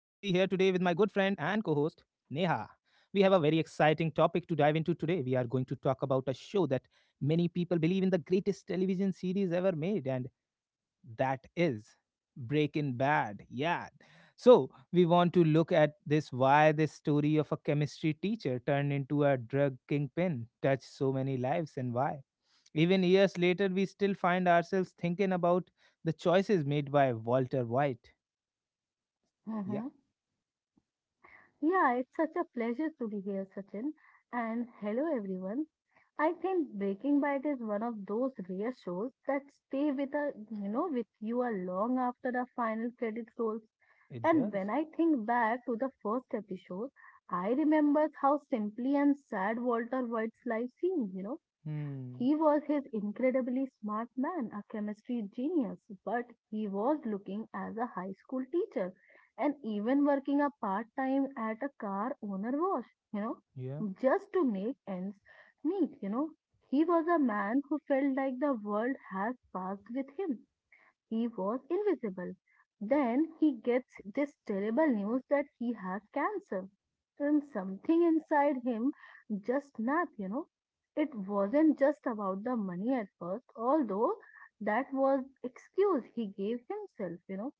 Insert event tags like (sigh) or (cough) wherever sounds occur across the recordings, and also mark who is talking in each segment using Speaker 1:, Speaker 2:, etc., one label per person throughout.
Speaker 1: Neha. We have a very exciting topic to dive into today. We are going to talk about a show that many people believe in the greatest television series ever made, and that is Breaking Bad. Yeah. So we want to look at this why this story of a chemistry teacher turned into a drug kingpin touched so many lives, and why. Even years later, we still find ourselves thinking about the choices made by Walter White. Yeah,
Speaker 2: Mm-hmm. Yeah, it's such a pleasure to be here, Sachin. And hello, everyone. I think Breaking Bad is one of those rare shows that stay with a with you a long after the final credits rolls.
Speaker 1: it
Speaker 2: And
Speaker 1: does.
Speaker 2: when I think back to the first episode, I remember how simply and sad Walter White's life seemed.
Speaker 1: Hmm.
Speaker 2: He was his incredibly smart man, a chemistry genius, but he was looking as a high school teacher and even working a part time at a car owner wash,
Speaker 1: Yeah.
Speaker 2: just to make ends meet, He was a man who felt like the world has passed with him he was invisible. Then he gets this terrible news that he has cancer. And something inside him just snapped, It wasn't just about the money at first, although that was excuse he gave himself,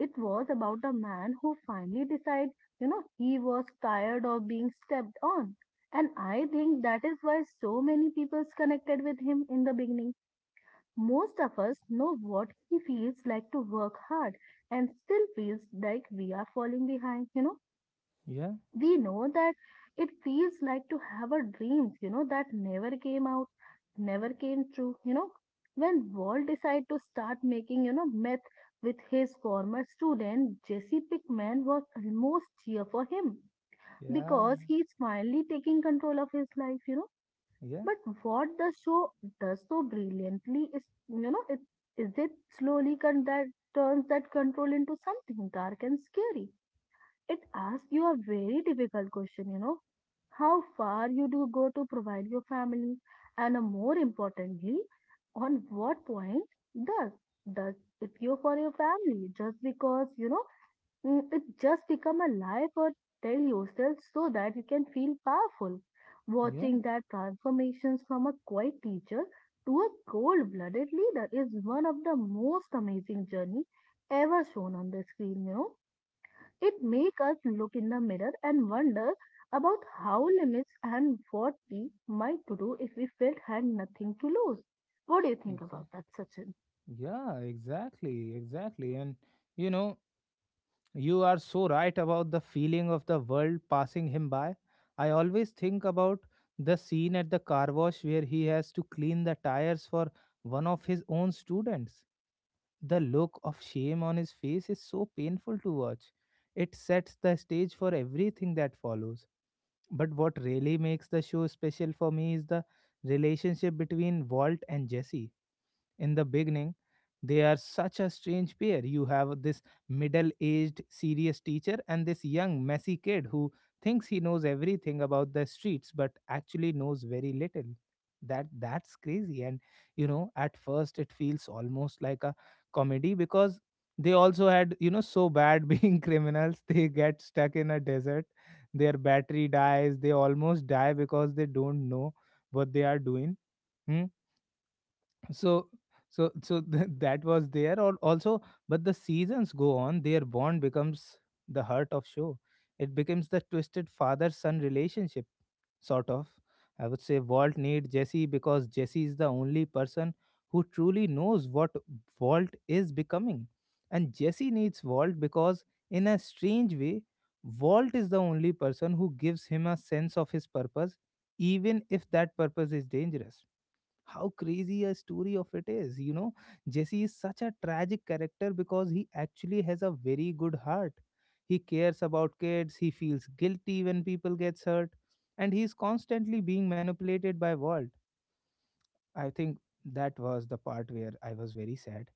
Speaker 2: It was about a man who finally decided, he was tired of being stepped on. And I think that is why so many people's connected with him in the beginning. Most of us know what he feels like to work hard and still feels like we are falling behind,
Speaker 1: Yeah.
Speaker 2: We know that it feels like to have a dreams, that never came out, never came true, When Walt decided to start making, meth with his former student, Jesse Pickman was almost cheer for him
Speaker 1: Yeah.
Speaker 2: because he's finally taking control of his life,
Speaker 1: Yeah.
Speaker 2: but what the show does so brilliantly is, you know, it is it slowly that turns that control into something dark and scary. It asks you a very difficult question, how far you do go to provide your family, and more importantly, on what point does does it you for your family just because Mm, it just become a lie for tell yourself so that you can feel powerful.
Speaker 1: Yeah.
Speaker 2: Watching that transformations from a quiet teacher to a cold-blooded leader is one of the most amazing journey ever shown on the screen, It make us look in the mirror and wonder about how limits and what we might to do if we felt had nothing to lose. What do you think
Speaker 1: Exactly.
Speaker 2: about that, Sachin?
Speaker 1: Yeah. Exactly. Exactly. And you know, you are so right about the feeling of the world passing him by. I always think about the scene at the car wash where he has to clean the tires for one of his own students. The look of shame on his face is so painful to watch. It sets the stage for everything that follows. But what really makes the show special for me is the relationship between Walt and Jesse. In the beginning, they are such a strange pair. You have this middle aged serious teacher and this young messy kid who thinks he knows everything about the streets, but actually knows very little. That that's crazy. And at first it feels almost like a comedy because they also had so bad (laughs) being criminals. They get stuck in a desert, their battery dies, they almost die because they don't know what they are doing. Hmm. So so (laughs) that was there or also. But the seasons go on, their bond becomes the heart of show. It becomes the twisted father son relationship, sort of. I would say Walt needs Jesse because Jesse is the only person who truly knows what Walt is becoming, and Jesse needs Walt because, in a strange way, Walt is the only person who gives him a sense of his purpose, even if that purpose is dangerous. How crazy a story of it is, jesse is such a tragic character because he actually has a very good heart. He cares about kids, he feels guilty when people gets hurt, and he is constantly being manipulated by Walt. I think that was the part where I was very sad.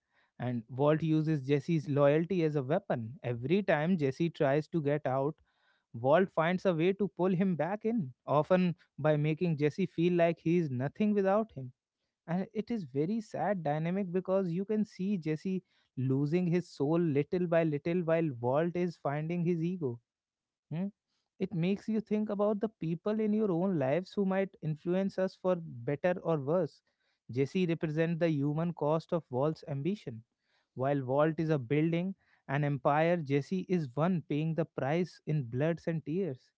Speaker 1: And Walt uses Jesse's loyalty as a weapon. Every time Jesse tries to get out, Walt finds a way to pull him back in, often by making Jesse feel like he is nothing without him. And it is very sad dynamic because you can see Jesse losing his soul little by little while Walt is finding his ego. Hmm? It makes you think about the people in your own lives who might influence us for better or worse. Jesse represents the human cost of Walt's ambition. While Walt is a building an empire, Jesse is one paying the price in bloods and tears.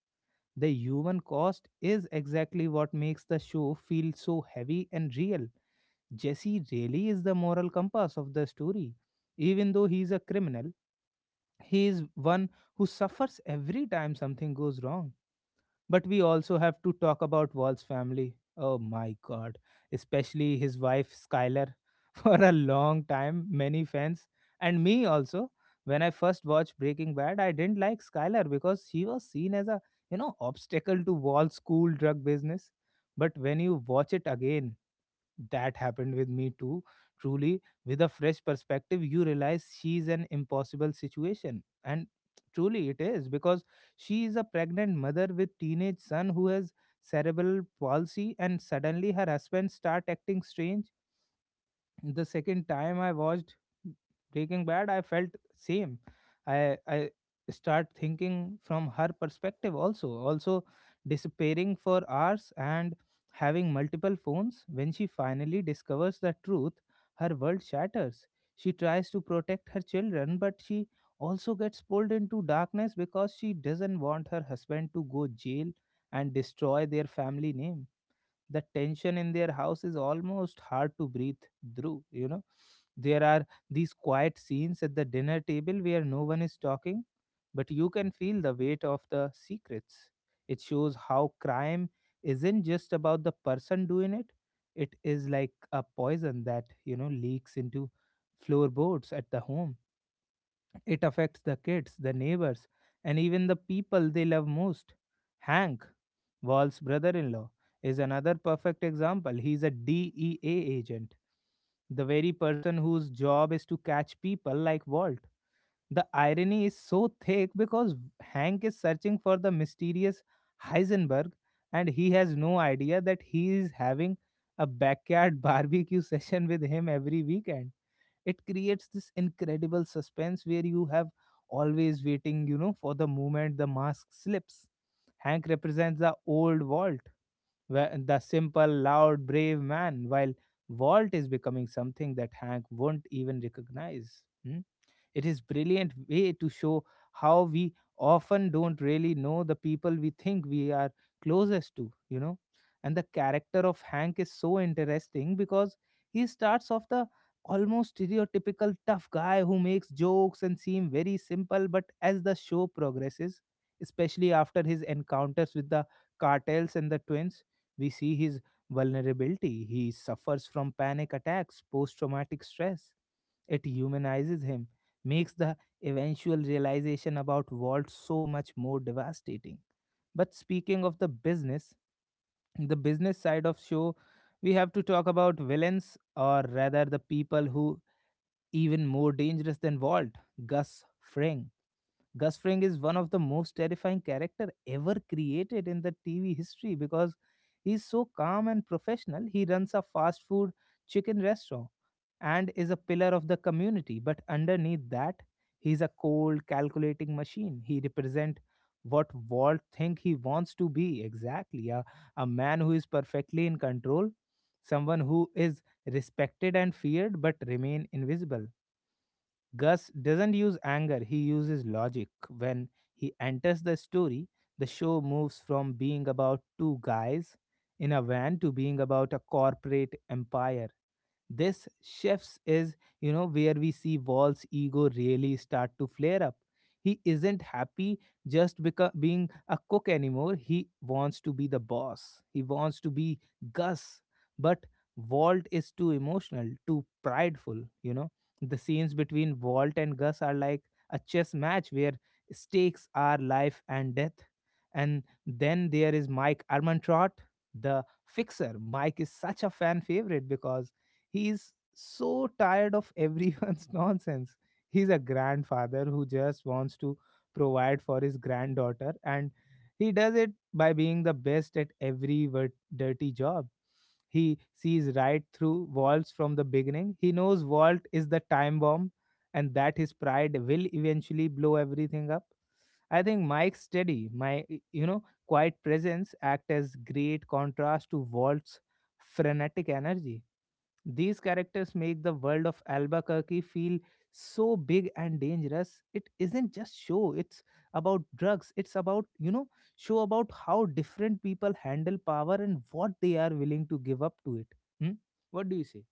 Speaker 1: The human cost is exactly what makes the show feel so heavy and real. Jesse really is the moral compass of the story. Even though he is a criminal, he is one who suffers every time something goes wrong. But we also have to talk about Walt's family. Oh my god, especially his wife Skylar. (laughs) For a long time, many fans, and me also. When I first watched Breaking Bad, I didn't like Skylar because she was seen as a, obstacle to Walt's cool drug business. But when you watch it again, that happened with me too, truly. With a fresh perspective you realize she's an impossible situation, and truly it is because she is a pregnant mother with teenage son who has cerebral palsy, and suddenly her husband start acting strange. The second time I watched Breaking Bad, I felt same. I start thinking from her perspective also. Also disappearing for hours and having multiple phones. When she finally discovers the truth, her world shatters. She tries to protect her children, but she also gets pulled into darkness because she doesn't want her husband to go jail and destroy their family name. The tension in their house is almost hard to breathe through, there are these quiet scenes at the dinner table where no one is talking, but you can feel the weight of the secrets. It shows how crime isn't just about the person doing it. It is like a poison that leaks into floorboards at the home. It affects the kids, the neighbors, and even the people they love most. Hank, Wall's brother in law, is another perfect example. He's a DEA agent, the very person whose job is to catch people like Walt. The irony is so thick because Hank is searching for the mysterious Heisenberg, and he has no idea that he is having a backyard (laughs) barbecue session with him every weekend. It creates this incredible suspense where you have always waiting, for the moment the mask slips. Hank represents the old Walt, the simple loud brave man, while Walt is becoming something that Hank won't even recognize. Hmm? It is brilliant way to show how we often don't really know the people we think we are closest to, And the character of Hank is so interesting because he starts off the almost stereotypical tough guy who makes jokes and seem very simple, but as the show progresses, especially after his encounters with the cartels and the twins, we see his vulnerability. He suffers from panic attacks, post traumatic stress. It humanizes him, makes the eventual realization about Walt so much more devastating. But speaking of the business side of show, we have to talk about villains, or rather the people who even more dangerous than Walt, Gus Fring. Gus Fring is one of the most terrifying character ever created in the TV history because he's so calm and professional. He runs a fast food chicken restaurant and is a pillar of the community. But underneath that, he's a cold, calculating machine. He represent what Walt think he wants to be exactly, a man who is perfectly in control, someone who is respected and feared but remain invisible. Gus doesn't use anger, he uses logic. When he enters the story, the show moves from being about two guys in a van to being about a corporate empire. This shifts is where we see Wall's ego really start to flare up. He isn't happy just because being a cook anymore. He wants to be the boss. He wants to be Gus, but Walt is too emotional, too prideful. You know the scenes between Walt and Gus are like a chess match where stakes are life and death. And then there is Mike Armantrout, the fixer. Mike is such a fan favorite because he's so tired of everyone's (laughs) nonsense. He's a grandfather who just wants to provide for his granddaughter, and he does it by being the best at every dirty job. He sees right through Waltz from the beginning. He knows Walt is the time bomb and that his pride will eventually blow everything up. I think Mike's steady, my quiet presence act as great contrast to Walt's frenetic energy. These characters make the world of Albuquerque feel so big and dangerous. It isn't just show, it's about drugs. It's about, show about how different people handle power and what they are willing to give up to it. Hmm? What do you say?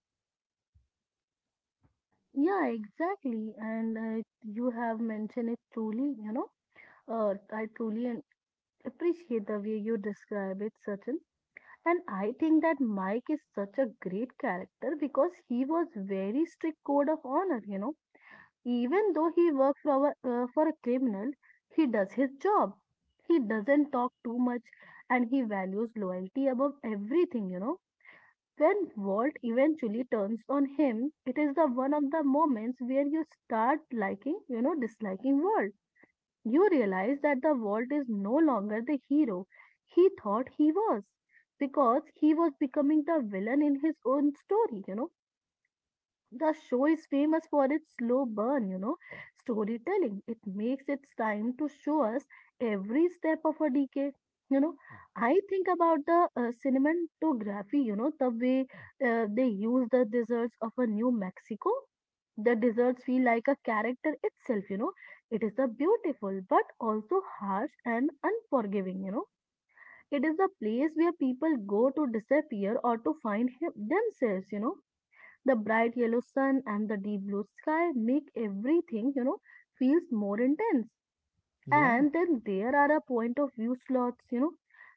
Speaker 2: Yeah, exactly. And you have mentioned it truly, earth. I truly appreciate the way you describe it, Sachin. And I think that Mike is such a great character because he was very strict code of honor, Even though he works for a criminal, he does his job. He doesn't talk too much and he values loyalty above everything, When Walt eventually turns on him, it is the one of the moments where you start liking, disliking Walt you realize that the vault is no longer the hero he thought he was because he was becoming the villain in his own story, The show is famous for its slow burn, storytelling. It makes its time to show us every step of a decade. You know, I think about the cinematography, the way they use the deserts of a New Mexico. The deserts feel like a character itself, It is a beautiful but also harsh and unforgiving, It is the place where people go to disappear or to find themselves, the bright yellow sun and the deep blue sky make everything, feels more intense.
Speaker 1: Yeah,
Speaker 2: And then there are a point of view slots,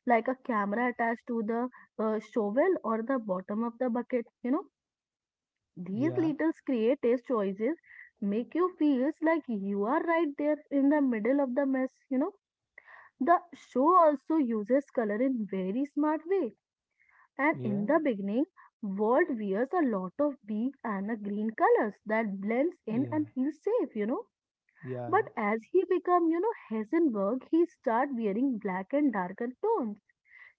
Speaker 2: like a camera attached to the shovel or the bottom of the bucket, These
Speaker 1: yeah,
Speaker 2: little creative choices make you feels like you are right there in the middle of the mess, The show also uses color in very smart way and
Speaker 1: yeah,
Speaker 2: in the beginning, world wears a lot of big and a green colors that blends in
Speaker 1: yeah,
Speaker 2: and feels safe,
Speaker 1: yeah.
Speaker 2: But as he become, Heisenberg, he start wearing black and darker tones.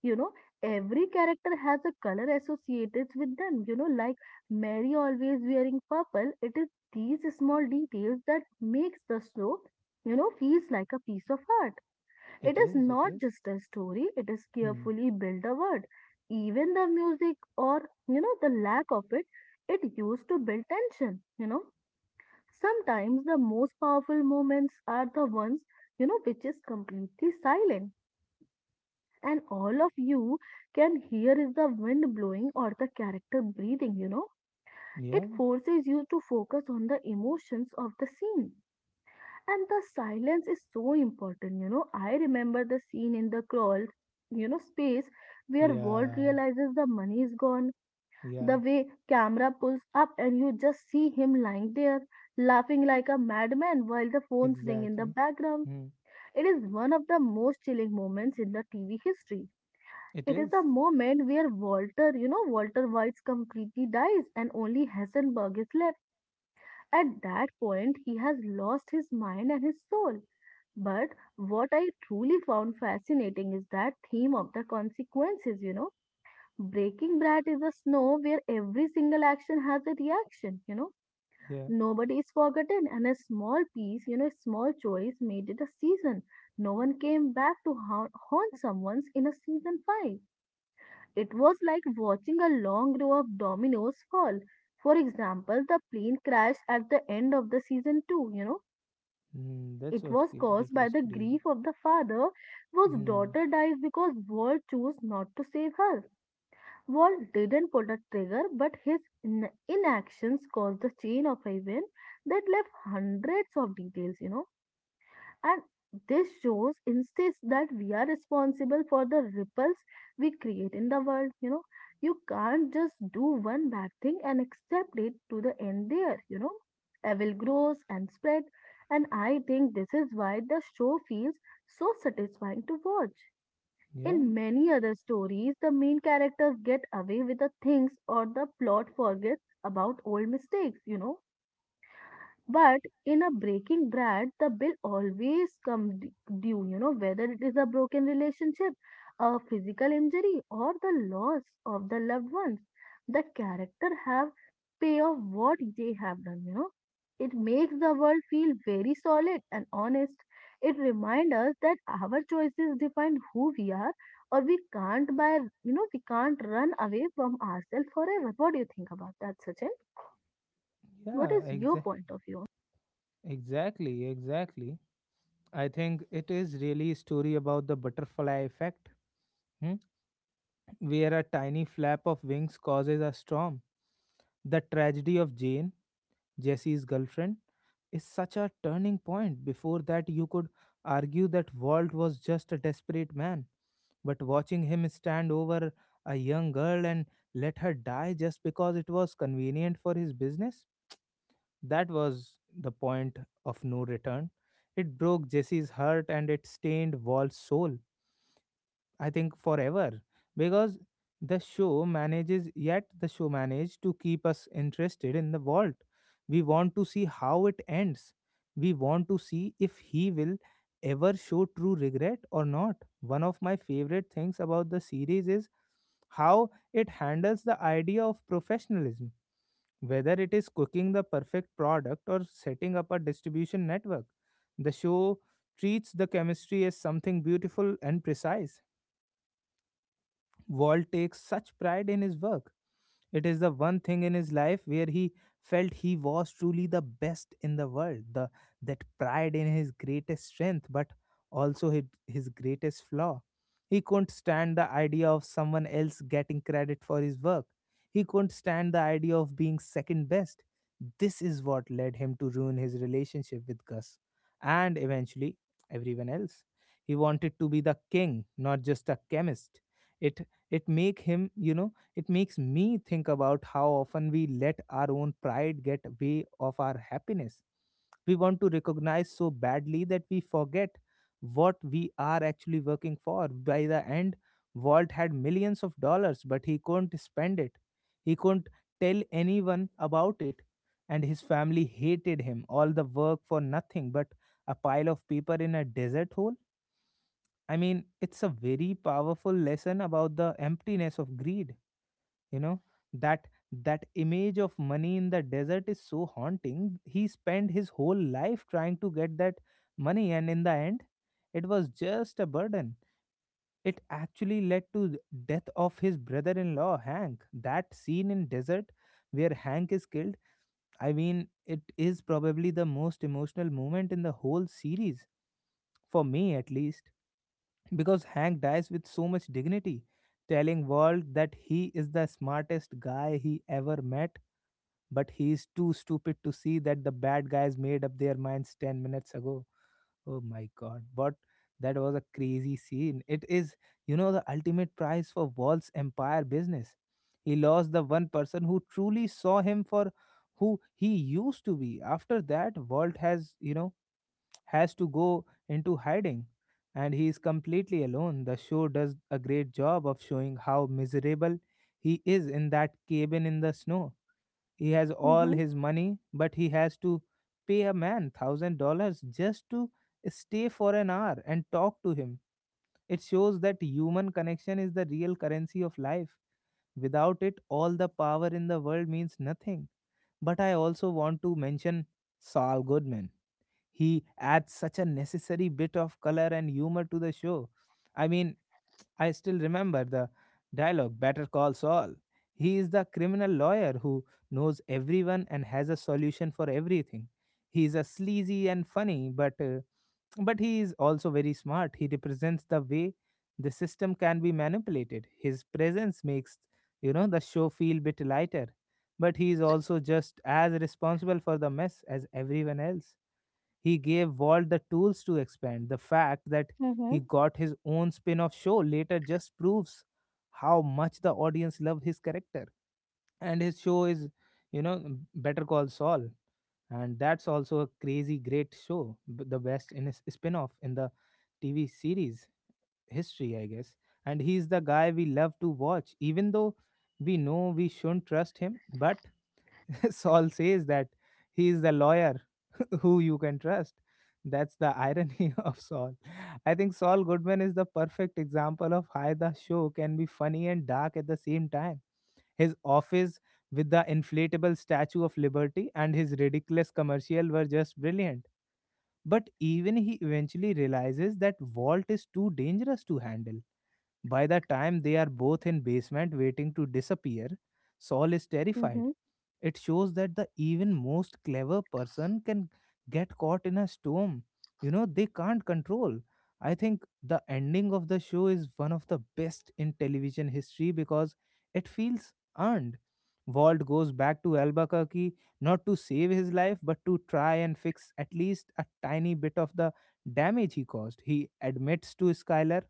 Speaker 2: You know, every character has a color associated with them. Like Mary always wearing purple. It is these small details that makes the show, feels like a piece of art. It
Speaker 1: It
Speaker 2: is
Speaker 1: is, it
Speaker 2: not
Speaker 1: is.
Speaker 2: just a story, it is
Speaker 1: Hmm.
Speaker 2: carefully built a word. Even the music or, the lack of it, it used to build tension, Sometimes the most powerful moments are the ones, which is completely silent. And all of you can hear is the wind blowing or the character breathing,
Speaker 1: Yeah,
Speaker 2: It forces you to focus on the emotions of the scene and the silence is so important, I remember the scene in the crawl, space where Walt
Speaker 1: yeah,
Speaker 2: realizes the money is gone.
Speaker 1: yeah,
Speaker 2: The way camera pulls up and you just see him lying there, laughing like a madman while the phones ring in the
Speaker 1: exactly.
Speaker 2: background.
Speaker 1: Hmm.
Speaker 2: It is one of the most chilling moments in the TV history.
Speaker 1: It
Speaker 2: It is the
Speaker 1: is.
Speaker 2: moment where Walter, Walter White's completely dies and only Hessenberg is left at that point, he has lost his mind and his soul. But what I truly found fascinating is that theme of the consequences, Breaking Brad is a snow where every single action has a reaction,
Speaker 1: Yeah.
Speaker 2: Nobody is forgotten, and a small piece, a small choice made it a season. No one came back to haunt someone's in a season five. It was like watching a long row of dominoes fall. For example, the plane crash at the end of the season 2,
Speaker 1: Hmm. That's
Speaker 2: it
Speaker 1: what,
Speaker 2: was
Speaker 1: that
Speaker 2: caused by
Speaker 1: was
Speaker 2: the
Speaker 1: crazy.
Speaker 2: grief of the father whose
Speaker 1: Hmm.
Speaker 2: daughter dies because Walt chose not to save her. Walt didn't pull the trigger, but his inactions caused the chain of events that left hundreds of details, and this shows insists that we are responsible for the ripples we create in the world. You can't just do one bad thing and accept it to the end there. Evil grows and spread. And I think this is why the show feels so satisfying to watch.
Speaker 1: Yeah.
Speaker 2: In many other stories, the main characters get away with the things or the plot forgets about old mistakes, but in a breaking bread, the bill always come due, whether it is a broken relationship, a physical injury, or the loss of the loved ones. The character have pay off what they have done, It makes the world feel very solid and honest. It reminds us that our choices define who we are, or we can't buy. We can't run away from ourselves forever. What do you think about that, Sachin? What
Speaker 1: Yeah,
Speaker 2: is your point of view?
Speaker 1: exactly, exactly. I think it is really a story about the butterfly effect, hmm? Where a tiny flap of wings causes a storm. The tragedy of Jane, Jesse's girlfriend, is such a turning point. Before that, you could argue that Walt was just a desperate man, but watching him stand over a young girl and let her die just because it was convenient for his business. That was the point of no return. It broke Jesse's heart and it stained Walt's soul, I think forever, because yet the show managed to keep us interested in the Walt. We want to see how it ends. We want to see if he will ever show true regret or not. One of my favorite things about the series is how it handles the idea of professionalism, whether it is cooking the perfect product or setting up a distribution network. The show treats the chemistry as something beautiful and precise. Walt takes such pride in his work. It is the one thing in his life where he felt he was truly the best in the world. The that pride in his greatest strength, but also his greatest flaw. He couldn't stand the idea of someone else getting credit for his work. He couldn't stand the idea of being second best. This is what led him to ruin his relationship with Gus and eventually everyone else. He wanted to be the king, not just a chemist. It it make him. It makes me think about how often we let our own pride get way of our happiness. We want to recognize so badly that we forget what we are actually working for. By the end, Walt had millions of dollars, but he couldn't spend it. He couldn't tell anyone about it. And his family hated him. All the work for nothing but a pile of paper in a desert hole. I mean, it's a very powerful lesson about the emptiness of greed. You know that that image of money in the desert is so haunting. He spent his whole life trying to get that money, and in the end, it was just a burden. It actually led to the death of his brother-in-law Hank. That scene in desert where Hank is killed. I mean, it is probably the most emotional moment in the whole series, for me at least, because Hank dies with so much dignity, telling Walt that he is the smartest guy he ever met, but he is too stupid to see that the bad guys made up their minds 10 minutes ago. Oh my god, what that was a crazy scene. It is, you know, the ultimate prize for Walt's empire business. He lost the one person who truly saw him for who he used to be. After that, Walt has, you know, has to go into hiding and he is completely alone. The show does a great job of showing how miserable he is in that cabin in the snow. He has all his money, but he has to pay a man $1,000 just to stay for an hour and talk to him. It shows that human connection is the real currency of life. Without it, all the power in the world means nothing. But I also want to mention Saul Goodman. He adds such a necessary bit of color and humor to the show. I mean, I still remember the dialogue Better Call Saul. He is the criminal lawyer who knows everyone and has a solution for everything. He is a sleazy and funny, but he is also very smart. He represents the way the system can be manipulated. His presence makes, you know, the show feel bit lighter, but he is also just as responsible for the mess as everyone else. He gave Walt the tools to expand. The fact that
Speaker 2: Mhm.
Speaker 1: he got his own spin off show later just proves how much the audience loved his character. And his show is, you know, Better Call Saul. And that's also a crazy great show, the best in his spin off in the TV series history, I guess. And he's the guy we love to watch, even though we know we shouldn't trust him. But (laughs) Saul says that he is the lawyer (laughs) who you can trust. That's the irony (laughs) of Saul. I think Saul Goodman is the perfect example of how the show can be funny and dark at the same time. His office with the inflatable Statue of Liberty and his ridiculous commercial were just brilliant. But even he eventually realizes that Walt is too dangerous to handle. By the time they are both in basement waiting to disappear, Saul is terrified.
Speaker 2: Mhm.
Speaker 1: It shows that the even most clever person can get caught in a storm, you know, they can't control. I think the ending of the show is one of the best in television history because it feels earned. Walt goes back to Albuquerque not to save his life but to try and fix at least a tiny bit of the damage he caused. He admits to Skylar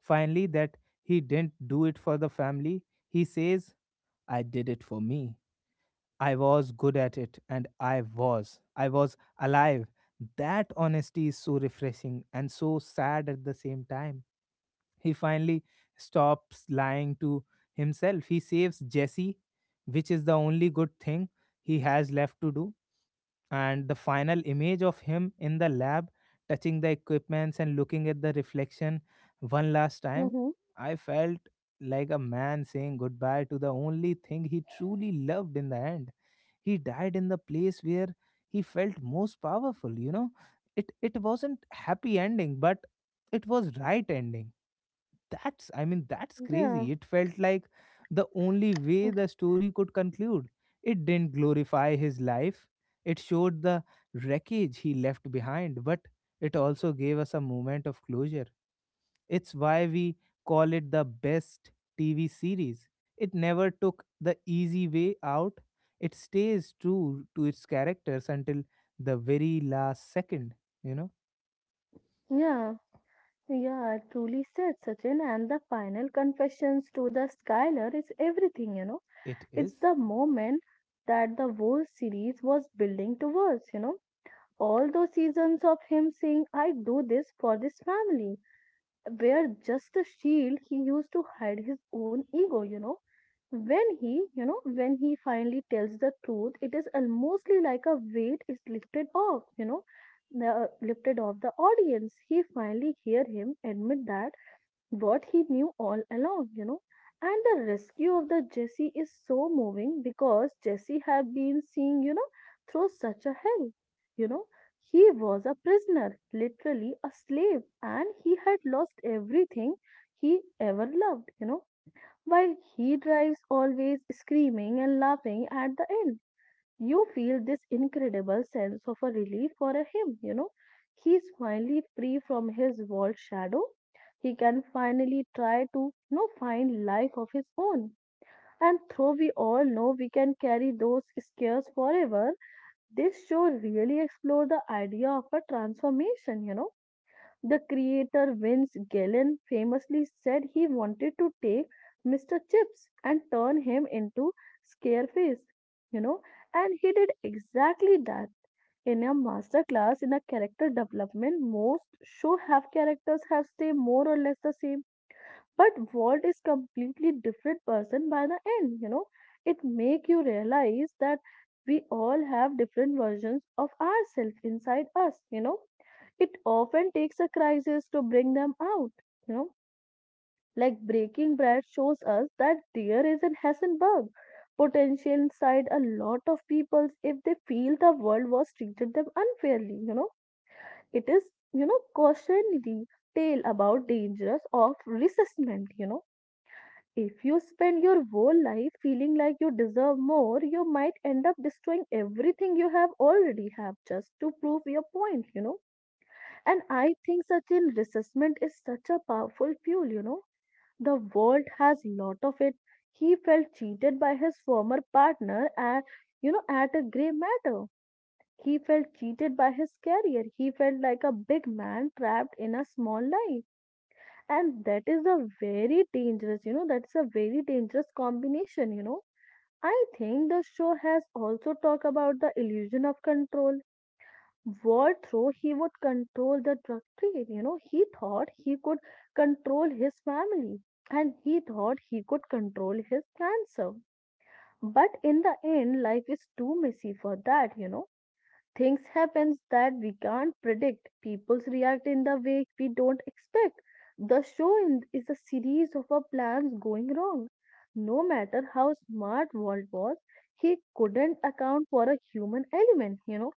Speaker 1: finally that he didn't do it for the family. He says, I did it for me. I was good at it and I was. I was alive. That honesty is so refreshing and so sad at the same time. He finally stops lying to himself. He saves Jesse, which is the only good thing he has left to do. And the final image of him in the lab, touching the equipments and looking at the reflection one last time,
Speaker 2: Mhm.
Speaker 1: I felt like a man saying goodbye to the only thing he truly loved in the end. He died in the place where he felt most powerful, you know. It wasn't happy ending but it was right ending. That's, I mean, that's
Speaker 2: Yeah.
Speaker 1: crazy. It felt like the only way the story could conclude. It didn't glorify his life, it showed the wreckage he left behind, but it also gave us a moment of closure. It's why we call it the best TV series. It never took the easy way out, it stays true to its characters until the very last second, you know?
Speaker 2: Yeah. Yeah. Truly said, Sachin. And the final confessions to the Skylar is everything.
Speaker 1: It
Speaker 2: It's
Speaker 1: is?
Speaker 2: the moment that the whole series was building towards. All those seasons of him saying, "I do this for this family," were just a shield he used to hide his own ego, When he, when he finally tells the truth, it is almostly like a weight is lifted off, the, lifted off the audience. He finally hear him admit that what he knew all along, And the rescue of the Jesse is so moving because Jesse had been seeing, through such a hell. You know, he was a prisoner, literally a slave, and he had lost everything he ever loved, While he drives always screaming and laughing at the end you feel this incredible sense of a relief for a him, He's finally free from his vault shadow. He can finally try to find life of his own. And though we all know we can carry those scares forever, this show really explore the idea of a transformation, the creator Vince Gillian famously said he wanted to take Mr. Chips and turn him into Scareface, you know, and he did exactly that. In a master class in a character development, most show have characters have stay more or less the same, but Walt is completely different person by the end. It make you realize that we all have different versions of ourselves inside us. It often takes a crisis to bring them out. You know, like Breaking Bad shows us that there is in Hessenberg potential inside a lot of people if they feel the world was treated them unfairly. It is cautionary tale about dangers of resentment. If you spend your whole life feeling like you deserve more, you might end up destroying everything you have already have just to prove your point. And I think, Sachin, resentment is such a powerful fuel. The world has lot of it. He felt cheated by his former partner at a grey matter. He felt cheated by his career. He felt like a big man trapped in a small life. And that is a very dangerous. That's a very dangerous combination. I think the show has also talked about the illusion of control. War through he would control the drug trade. He thought he could control his family, and he thought he could control his cancer, but in the end life is too messy for that. Things happens that we can't predict. People react in the way we don't expect. Is a series of our plans going wrong. No matter how smart Walt was, he couldn't account for a human element.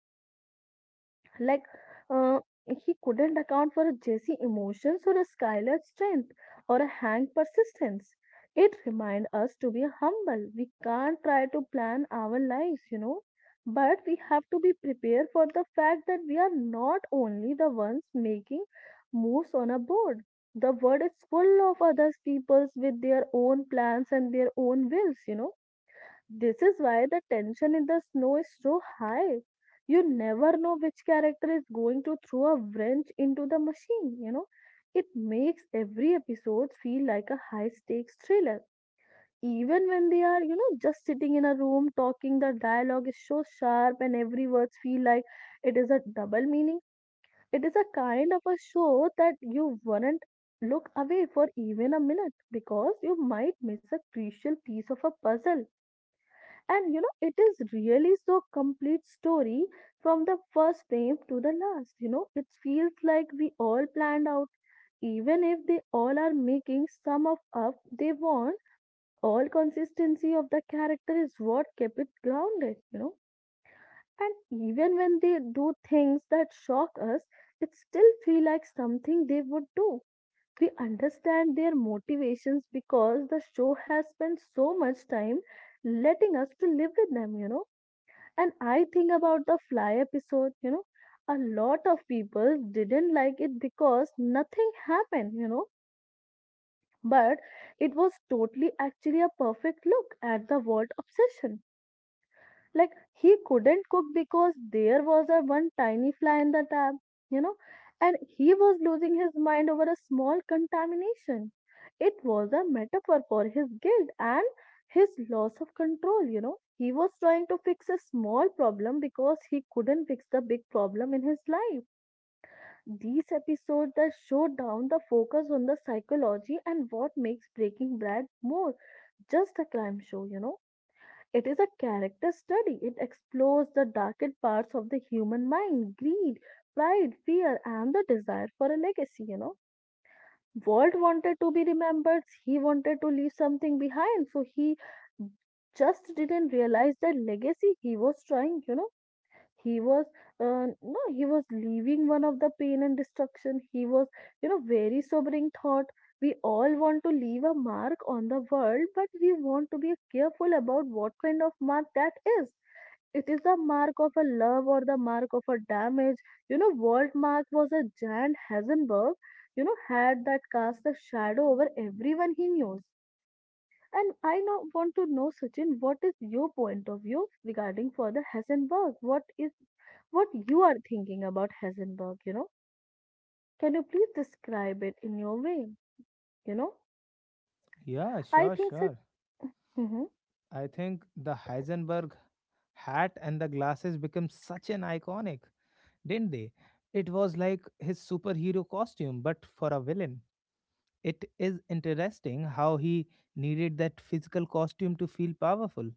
Speaker 2: like, uh, he couldn't account for a Jesse emotions, or a Skylar strength, or a Hank persistence. It reminds us to be humble. We can't try to plan our lives, but we have to be prepared for the fact that we are not only the ones making moves on a board. The world is full of other peoples with their own plans and their own wills. This is why the tension in the snow is so high. You never know which character is going to throw a wrench into the machine. It makes every episode feel like a high stakes thriller. Even when they are, just sitting in a room talking, the dialogue is so sharp and every word feel like it is a double meaning. It is a kind of a show that you wouldn't look away for even a minute because you might miss a crucial piece of a puzzle, and it is really so complete story from the first frame to the last. It feels like we all planned out, even if they all are making some of up they want. All consistency of the character is what kept it grounded. And even when they do things that shock us, it still feel like something they would do. We understand their motivations because the show has spent so much time letting us to live with them. And I think about the fly episode, a lot of people didn't like it because nothing happened, but it was totally actually a perfect look at the world obsession. Like, he couldn't cook because there was a one tiny fly in the tap, you know, and he was losing his mind over a small contamination. It was a metaphor for his guilt and his loss of control. He was trying to fix a small problem because he couldn't fix the big problem in his life. These episodes that show down the focus on the psychology and what makes Breaking Bad more just a crime show. It is a character study. It explores the darkest parts of the human mind: greed, pride, fear, and the desire for a legacy. Walt wanted to be remembered, he wanted to leave something behind, so he just didn't realize the legacy he was trying, he was no, he was leaving one of the pain and destruction he was. Very sobering thought. We all want to leave a mark on the world, but we want to be careful about what kind of mark that is. It is the mark of a love or the mark of a damage. World mark was a giant Heisenberg, you know, had that cast a shadow over everyone he knew. And I know, want to know, Sachin, what is your point of view regarding for the Heisenberg? What is what you are thinking about Heisenberg, Can you please describe it in your way? You know,
Speaker 1: Yeah,
Speaker 2: I
Speaker 1: sure,
Speaker 2: think that.
Speaker 1: sure.
Speaker 2: Mm-hmm,
Speaker 1: I think the Heisenberg hat and the glasses became such an iconic, didn't they? It was like his superhero costume, but for a villain. It is interesting how he needed that physical costume to feel powerful.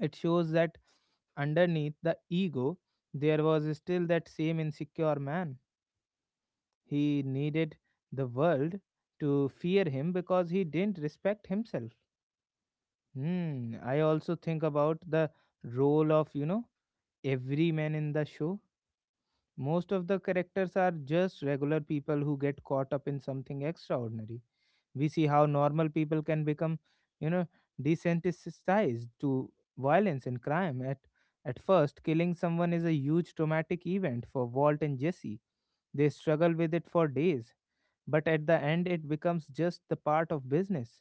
Speaker 1: It shows that underneath the ego, there was still that same insecure man. He needed the world to fear him because he didn't respect himself. Hmm. I also think about the role of, you know, every man in the show. Most of the characters are just regular people who get caught up in something extraordinary. We see how normal people can become, you know, desensitized to violence and crime. At first, killing someone is a huge traumatic event for Walt and Jesse. They struggle with it for days, but at the end it becomes just the part of business.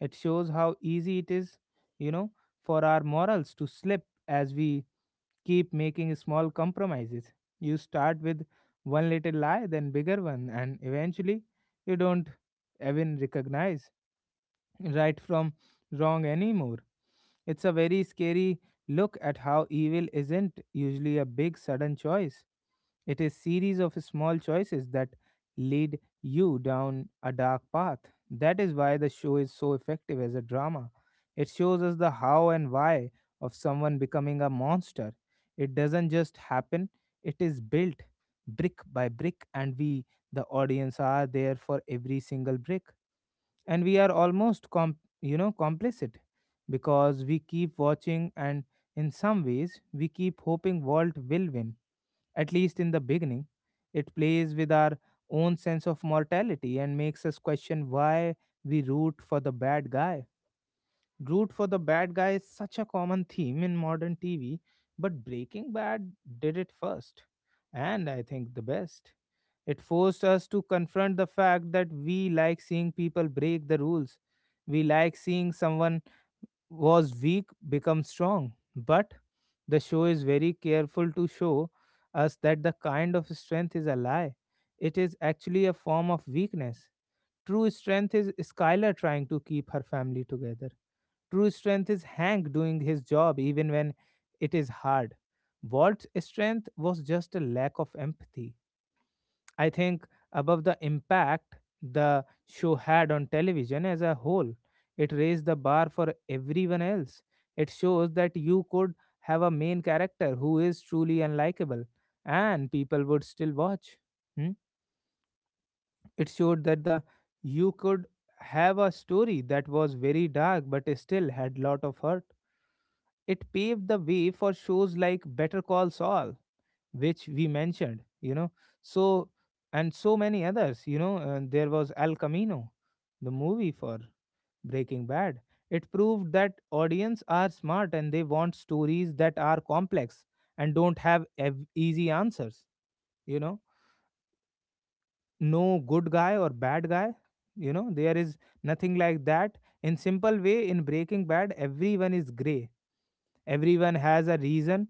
Speaker 1: It shows how easy it is, you know, for our morals to slip as we keep making small compromises. You start with one little lie, then bigger one, and eventually you don't even recognize right from wrong anymore. It's a very scary look at how evil isn't usually a big sudden choice. It is series of small choices that lead you down a dark path. That is why the show is so effective as a drama. It shows us the how and why of someone becoming a monster. It doesn't just happen, it is built brick by brick and we the audience are there for every single brick and we are you know complicit because we keep watching and in some ways we keep hoping world will win, at least in the beginning. It plays with our own sense of mortality and makes us question why we root for the bad guy. Root for the bad guy is such a common theme in modern TV, but Breaking Bad did it first, and I think the best. It forced us to confront the fact that we like seeing people break the rules. We like seeing someone was weak become strong. But the show is very careful to show us that the kind of strength is a lie. It is actually a form of weakness. True strength is Skylar trying to keep her family together. True strength is Hank doing his job even when it is hard. Walt's strength was just a lack of empathy. I think above the impact the show had on television as a whole, it raised the bar for everyone else. It shows that you could have a main character who is truly unlikable and people would still watch. Hmm? It showed that the you could have a story that was very dark but still had lot of hurt. It paved the way for shows like Better Call Saul, which we mentioned, you know. So, and so many others, you know. And there was El Camino, the movie for Breaking Bad. It proved that audience are smart and they want stories that are complex and don't have easy answers, you know. No good guy or bad guy, you know. There is nothing like that. In simple way, in Breaking Bad, everyone is gray. Everyone has a reason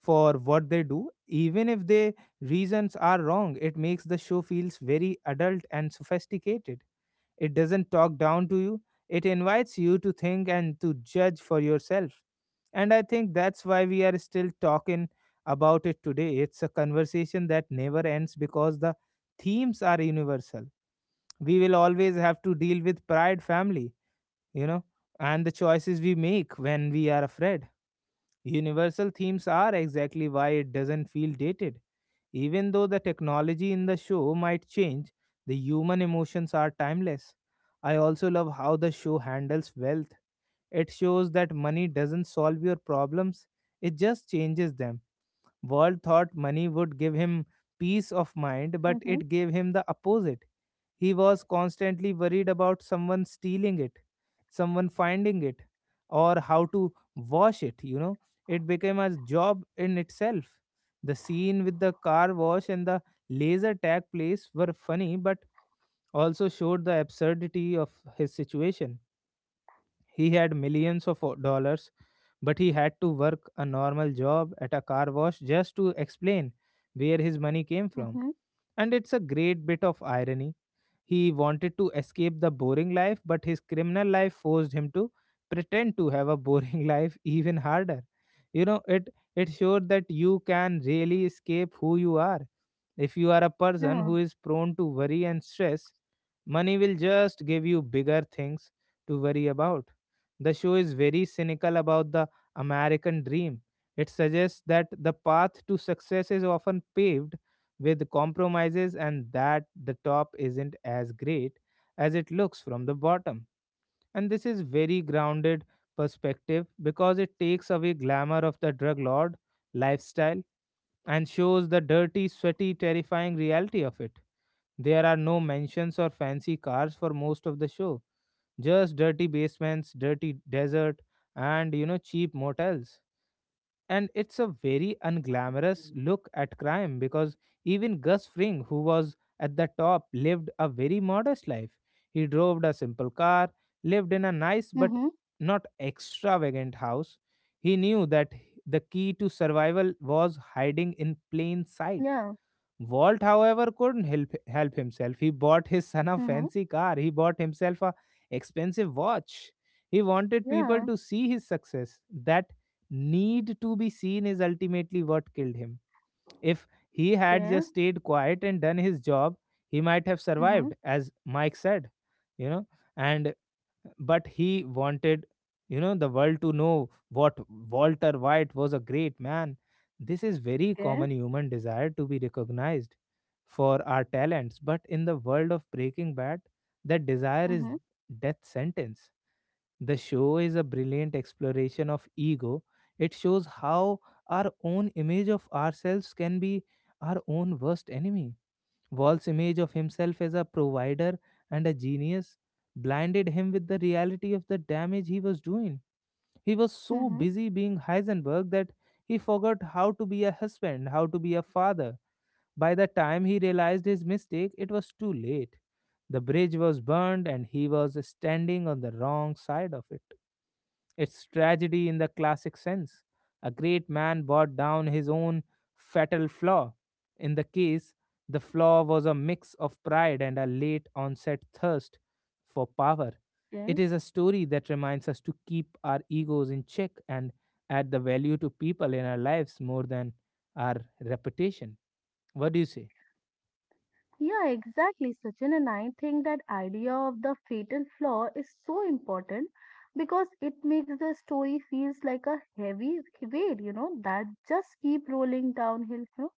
Speaker 1: for what they do even if their reasons are wrong. It makes the show feels very adult and sophisticated. It doesn't talk down to you, it invites you to think and to judge for yourself. And I think that's why we are still talking about it today. It's a conversation that never ends because the themes are universal. We will always have to deal with pride, family, you know, and the choices we make when we are afraid. Universal themes are exactly why it doesn't feel dated. Even though the technology in the show might change, the human emotions are timeless. I also love how the show handles wealth. It shows that money doesn't solve your problems, it just changes them. Wald thought money would give him peace of mind, but
Speaker 2: mm-hmm,
Speaker 1: it gave him the opposite. He was constantly worried about someone stealing it, someone finding it, or how to wash it. It became a job in itself. The scene with the car wash and the laser tag place were funny, but also showed the absurdity of his situation. He had millions of dollars, but he had to work a normal job at a car wash just to explain where his money came from.
Speaker 2: mm-hmm,
Speaker 1: And it's a great bit of irony. He wanted to escape the boring life, but his criminal life forced him to pretend to have a boring (laughs) life even harder. You know, it it showed that you can really escape who you are. If you are a person
Speaker 2: yeah,
Speaker 1: who is prone to worry and stress. Money will just give you bigger things to worry about. The show is very cynical about the American dream. It suggests that the path to success is often paved with compromises and that the top isn't as great as it looks from the bottom. And this is very grounded perspective because it takes away glamour of the drug lord lifestyle and shows the dirty, sweaty, terrifying reality of it. There are no mansions or fancy cars for most of the show, just dirty basements, dirty desert, and cheap motels. And it's a very unglamorous look at crime because even Gus Fring, who was at the top, lived a very modest life. He drove a simple car, lived in a nice but
Speaker 2: mm-hmm,
Speaker 1: not extravagant house. He knew that the key to survival was hiding in plain sight.
Speaker 2: yeah,
Speaker 1: Walt, however, couldn't help himself. He bought his son a
Speaker 2: mm-hmm,
Speaker 1: fancy car. He bought himself a expensive watch. He wanted people
Speaker 2: yeah,
Speaker 1: to see his success. That need to be seen is ultimately what killed him. If he had
Speaker 2: okay,
Speaker 1: just stayed quiet and done his job, he might have
Speaker 2: mm-hmm,
Speaker 1: survived, as Mike said. You know, and but he wanted the world to know what walter white was a great man. This is very
Speaker 2: okay,
Speaker 1: common human desire to be recognized for our talents, but in the world of Breaking Bad that desire is
Speaker 2: mm-hmm,
Speaker 1: death sentence. The show is a brilliant exploration of ego. It shows how our own image of ourselves can be our own worst enemy. Wall's image of himself as a provider and a genius blinded him with the reality of the damage he was doing. He was so
Speaker 2: mm-hmm,
Speaker 1: busy being Heisenberg that he forgot how to be a husband, how to be a father. By the time he realized his mistake, it was too late. The bridge was burned, and he was standing on the wrong side of it. It's tragedy in the classic sense. A great man brought down his own fatal flaw. In the case, the flaw was a mix of pride and a late onset thirst for power.
Speaker 2: okay.
Speaker 1: It is a story that reminds us to keep our egos in check and add the value to people in our lives more than our reputation. What do you say?
Speaker 2: Yeah, exactly, Sachin. And I think that idea of the fatal flaw is so important because it makes the story feels like a heavy weight, you know, that just keep rolling downhill. You know?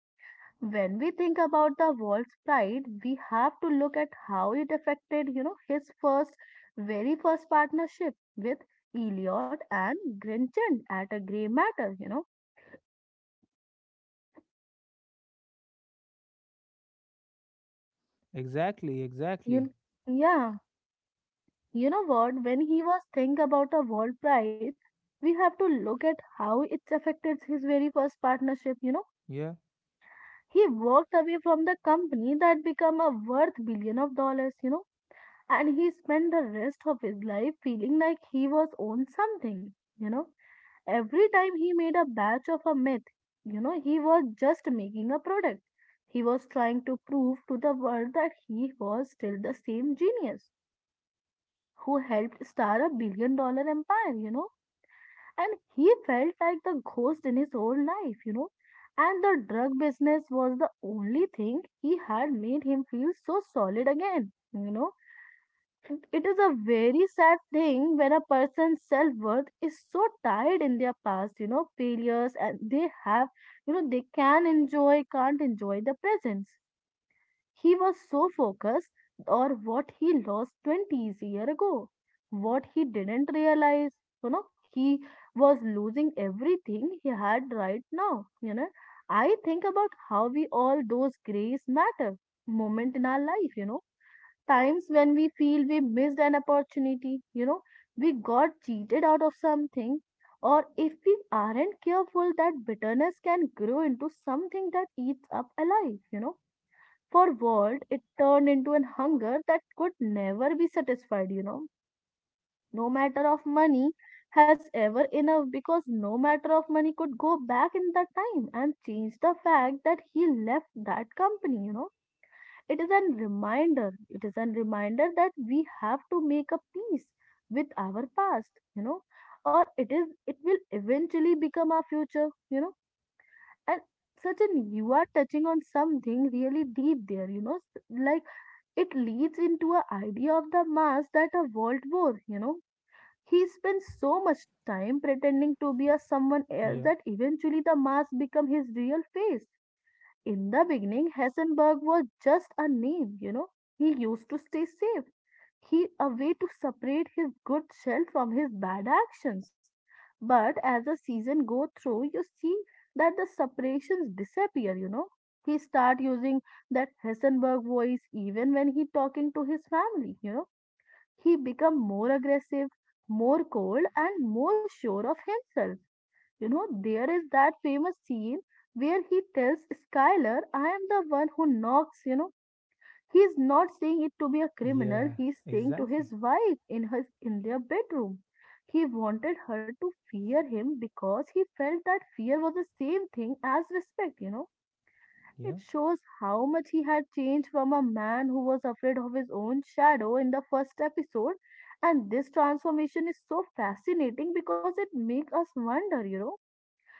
Speaker 2: When we think about the world's pride, we have to look at how it affected, you know, his first, very first partnership with Eliot and Grinchen at a grey matter, you know.
Speaker 1: Exactly, exactly.
Speaker 2: You, yeah, you know what? When he was thinking about the world pride, we have to look at how it's affected his very first partnership, you know.
Speaker 1: Yeah,
Speaker 2: He walked away from the company that became a worth billion of dollars. And he spent the rest of his life feeling like he was on something you know every time he made a batch of a myth, he was just making a product. He was trying to prove to the world that he was still the same genius who helped start a billion dollar empire. And he felt like the ghost in his own life. And the drug business was the only thing he had made him feel so solid again. It is a very sad thing when a person's self worth is so tied in their past, you know, failures, and they have, you know, they can enjoy, can't enjoy the presence. He was so focused or what he lost 20 years ago, what he didn't realize, he was losing everything he had right now, you know. I think about how we all those grace matter moment in our life, times when we feel we missed an opportunity, we got cheated out of something, or if we aren't careful, that bitterness can grow into something that eats up alive, you know. For world, it turned into an hunger that could never be satisfied, you know. No matter of money has ever enough because no matter of money could go back in that time and change the fact that he left that company. It is an reminder. It is an reminder that we have to make a peace with our past, you know, or it is it will eventually become our future, you know. And Sachin, you are touching on something really deep there, you know, like, it leads into a idea of the mass that a world war, you know. He spends so much time pretending to be a someone else
Speaker 1: yeah,
Speaker 2: that eventually the mask become his real face. In the beginning, Hessenberg was just a name, you know. He used to stay safe. He a way to separate his good shell from his bad actions. But as the season go through, you see that the separations disappear, you know. He start using that Hessenberg voice even when he talking to his family, you know. He become more aggressive, more cold and more sure of himself, you know. There is that famous scene where he tells Skylar, I am the one who knocks, you know. He's not saying it to be a criminal,
Speaker 1: yeah,
Speaker 2: he's saying to
Speaker 1: exactly.
Speaker 2: his wife in their bedroom. He wanted her to fear him because he felt that fear was the same thing as respect, you know.
Speaker 1: Yeah,
Speaker 2: It shows how much he had changed from a man who was afraid of his own shadow in the first episode. And this transformation is so fascinating because it makes us wonder,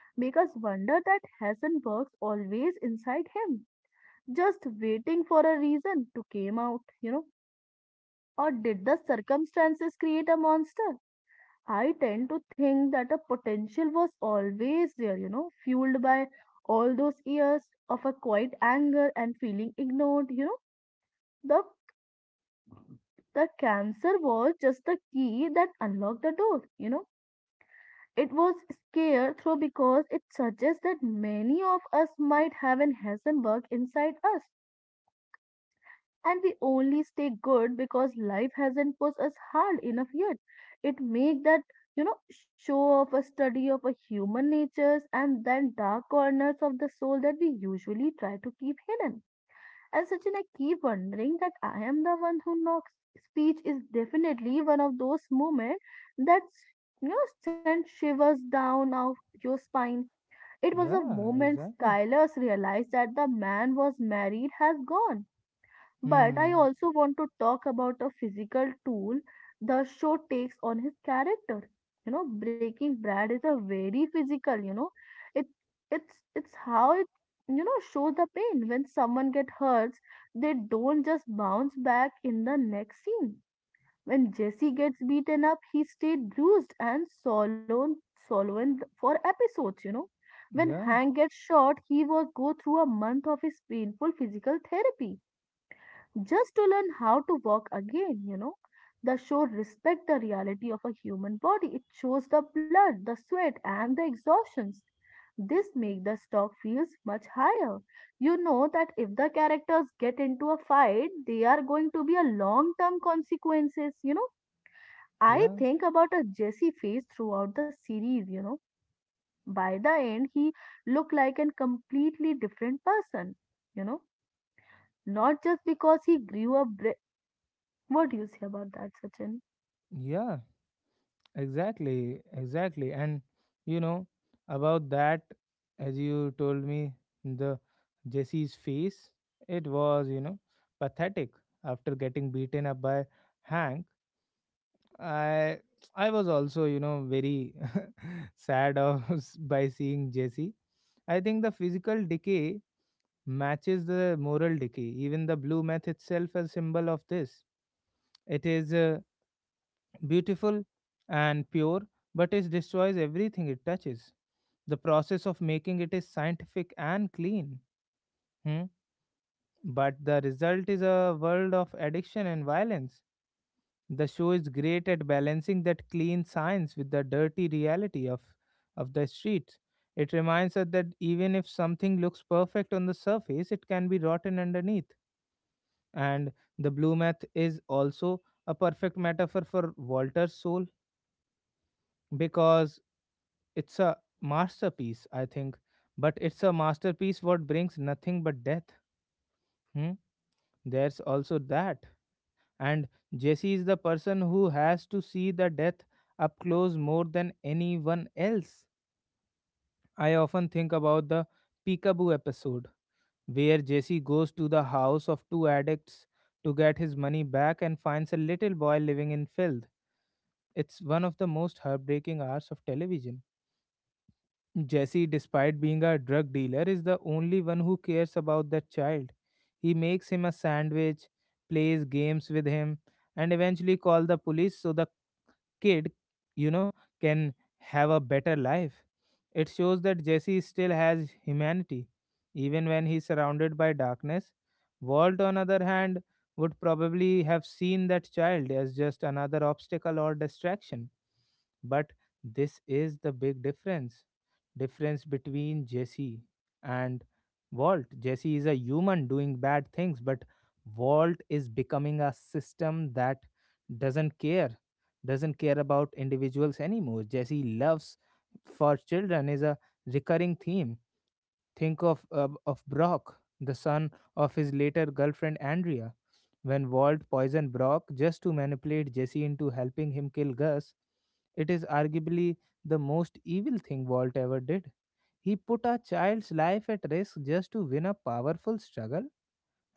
Speaker 2: make us wonder that Hassan works always inside him, just waiting for a reason to come out, you know? Or did the circumstances create a monster? I tend to think that a potential was always there, you know, fueled by all those years of a quiet anger and feeling ignored, you know. The the cancer was just the key that unlocked the door, you know. It was scarce through because it suggests that many of us might have an Heisenberg inside us, and we only stay good because life hasn't pushed us hard enough yet. It make that, you know, show of a study of a human natures and then dark corners of the soul that we usually try to keep hidden. And Sachin, I keep wondering that I am the one who knocks. Speech is definitely one of those moments that, you know, sent shivers down of your spine. It was a
Speaker 1: yeah,
Speaker 2: moment
Speaker 1: exactly.
Speaker 2: Skylar's realized that the man was married has gone. But I
Speaker 1: Hmm.
Speaker 2: also want to talk about a physical tool the show takes on his character. You know, Breaking Brad is a very physical, you know. It it's how it, you know, shows the pain. When someone get hurts, they don't just bounce back in the next scene. When Jesse gets beaten up, he stayed bruised and swollen for episodes, you know. When
Speaker 1: Yeah,
Speaker 2: Hank gets shot, he will go through a month of his painful physical therapy just to learn how to walk again, you know. The show respect the reality of a human body. It shows the blood, the sweat, and the exhaustions. This make the stock feels much higher. You know that if the characters get into a fight, they are going to be a long-term consequences, you know. I
Speaker 1: yeah,
Speaker 2: think about a Jesse face throughout the series, you know. By the end, he looked like a completely different person, you know. Not just because he grew up what do you say about that, Sachin?
Speaker 1: yeah, exactly, exactly. And you know, about that, as you told me, the Jesse's face, it was, pathetic after getting beaten up by Hank. I I was also, very (laughs) sad of (laughs) by seeing Jesse. I think the physical decay matches the moral decay. Even the blue meth itself a symbol of this. It is beautiful and pure, but it destroys everything it touches. The process of making it is scientific and clean, hmm, but the result is a world of addiction and violence. The show is great at balancing that clean science with the dirty reality of the streets. It reminds us that even if something looks perfect on the surface, it can be rotten underneath. And the blue meth is also a perfect metaphor for Walter's soul, because it's a masterpiece, I think, but it's a masterpiece what brings nothing but death. Hmm? There's also that. And Jesse is the person who has to see the death up close more than anyone else. I often think about the Peekaboo episode, where Jesse goes to the house of two addicts to get his money back and finds a little boy living in filth. It's one of the most heartbreaking hours of television. Jesse, despite being a drug dealer, is the only one who cares about that child. He makes him a sandwich, plays games with him, and eventually call the police so the kid, you know, can have a better life. It shows that Jesse still has humanity, even when he's surrounded by darkness. Walt, on other hand, would probably have seen that child as just another obstacle or distraction, but this is the big difference between Jesse and Walt. Jesse is a human doing bad things, but Walt is becoming a system that doesn't care, doesn't care about individuals anymore. Jesse loves for children is a recurring theme. Think of Brock, the son of his later girlfriend Andrea. When Walt poisoned Brock just to manipulate Jesse into helping him kill Gus, it is arguably the most evil thing Walt ever did. He put a child's life at risk just to win a powerful struggle.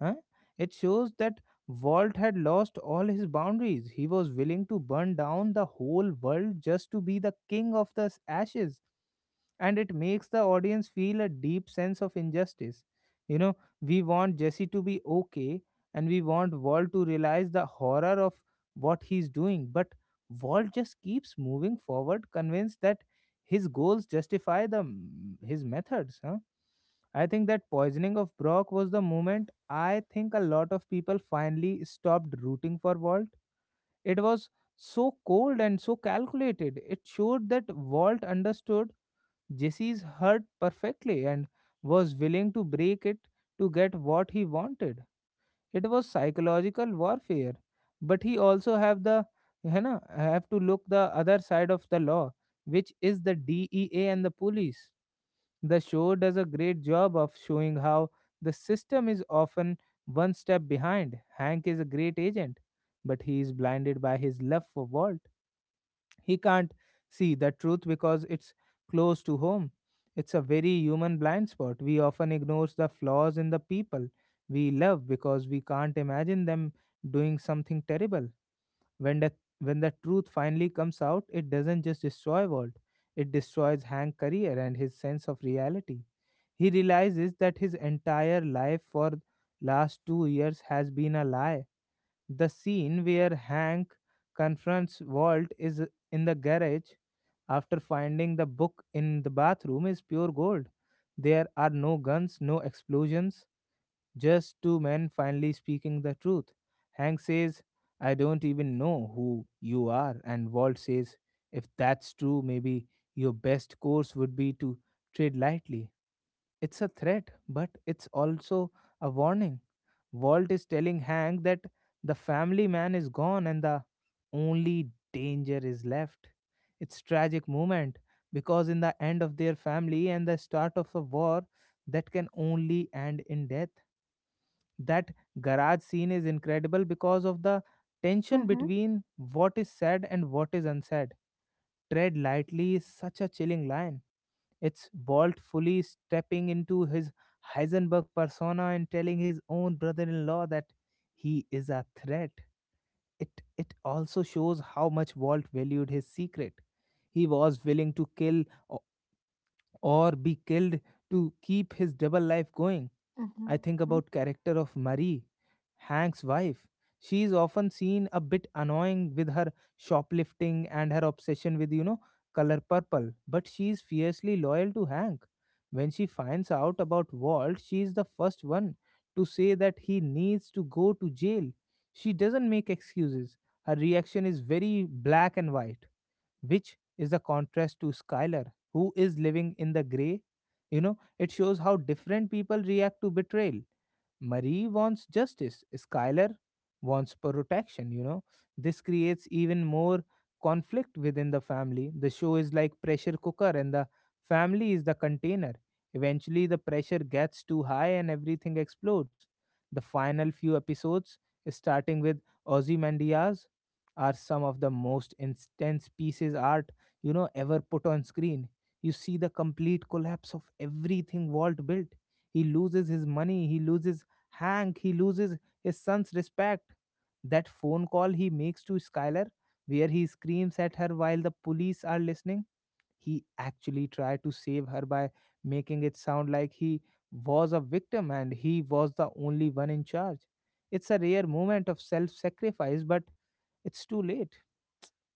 Speaker 1: Huh? It shows that Walt had lost all his boundaries. He was willing to burn down the whole world just to be the king of the ashes. And it makes the audience feel a deep sense of injustice. You know, we want Jesse to be okay and we want Walt to realize the horror of what he's doing. But Walt just keeps moving forward, convinced that his goals justify the his methods. Huh? I think that poisoning of Brock was the moment I think a lot of people finally stopped rooting for Walt. It was so cold and so calculated. It showed that Walt understood Jesse's hurt perfectly and was willing to break it to get what he wanted. It was psychological warfare, but he also have to look the other side of the law, which is the DEA and the police. The show does a great job of showing how the system is often one step behind. Hank is a great agent, but he is blinded by his love for Walt. He can't see the truth because it's close to home. It's a very human blind spot. We often ignore the flaws in the people we love because we can't imagine them doing something terrible. When the when the truth finally comes out, it doesn't just destroy Walt, it destroys Hank's career and his sense of reality. He realizes that his entire life for last 2 years has been a lie. The scene where Hank confronts Walt, is in the garage after finding the book in the bathroom, is pure gold. There are no guns, no explosions, just two men finally speaking the truth. Hank says, "I don't even know who you are." And Walt says, "If that's true, maybe your best course would be to tread lightly." It's a threat, but it's also a warning. Walt is telling Hank that the family man is gone and the only danger is left. It's tragic moment because in the end of their family and the start of a war that can only end in death. That garage scene is incredible because of the tension
Speaker 2: Mm-hmm.
Speaker 1: between what is said and what is unsaid. Tread lightly is such a chilling line. It's Walt fully stepping into his Heisenberg persona and telling his own brother-in-law that he is a threat. It it also shows how much Walt valued his secret. He was willing to kill or be killed to keep his double life going.
Speaker 2: Mm-hmm.
Speaker 1: I think about character of Marie, Hank's wife. She is often seen a bit annoying with her shoplifting and her obsession with, color purple, but she is fiercely loyal to Hank. When she finds out about Walt, she is the first one to say that he needs to go to jail. She doesn't make excuses. Her reaction is very black and white, which is a contrast to Skylar, who is living in the gray. It shows how different people react to betrayal. Marie wants justice, Skylar wants protection. This creates even more conflict within the family. The show is like pressure cooker and the family is the container. Eventually the pressure gets too high and everything explodes. The final few episodes, starting with Ozymandias, are some of the most intense pieces art, ever put on screen. You see the complete collapse of everything Walt built. He loses his money. He loses Hank, he loses his son's respect. That phone call he makes to Skylar, where he screams at her while the police are listening, he actually tried to save her by making it sound like he was a victim and he was the only one in charge. It's a rare moment of self sacrifice, but it's too late.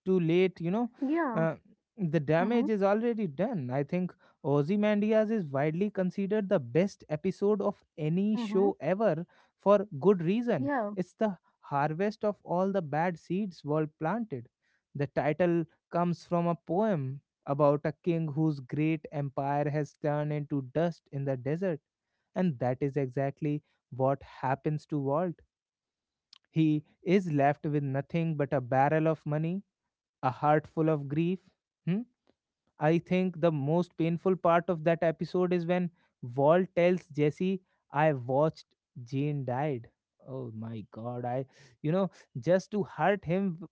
Speaker 1: Too late,
Speaker 2: Yeah.
Speaker 1: Uh, the
Speaker 2: Mm-hmm.
Speaker 1: damage is already done. I think Ozymandias is widely considered the best episode of any
Speaker 2: Mm-hmm.
Speaker 1: show ever for good reason.
Speaker 2: Yeah.
Speaker 1: It's the harvest of all the bad seeds were planted. The title comes from a poem about a king whose great empire has turned into dust in the desert. And that is exactly what happens to Walt. He is left with nothing but a barrel of money, a heart full of grief. Hmm? I think the most painful part of that episode is when Walt tells Jesse, I watched Jane died. Oh my god, I, you know, just to hurt him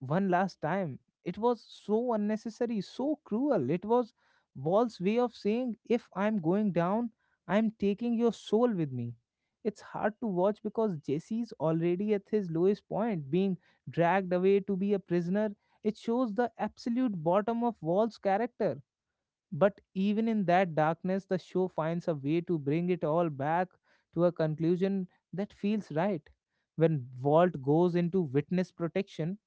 Speaker 1: one last time. It was so unnecessary, so cruel. It was Wall's way of saying, if I'm going down, I'm taking your soul with me. It's hard to watch because Jesse's already at his lowest point, being dragged away to be a prisoner. It shows the absolute bottom of Wall's character. But even in that darkness, the show finds a way to bring it all back to a conclusion that feels right. When Walt goes into witness protection,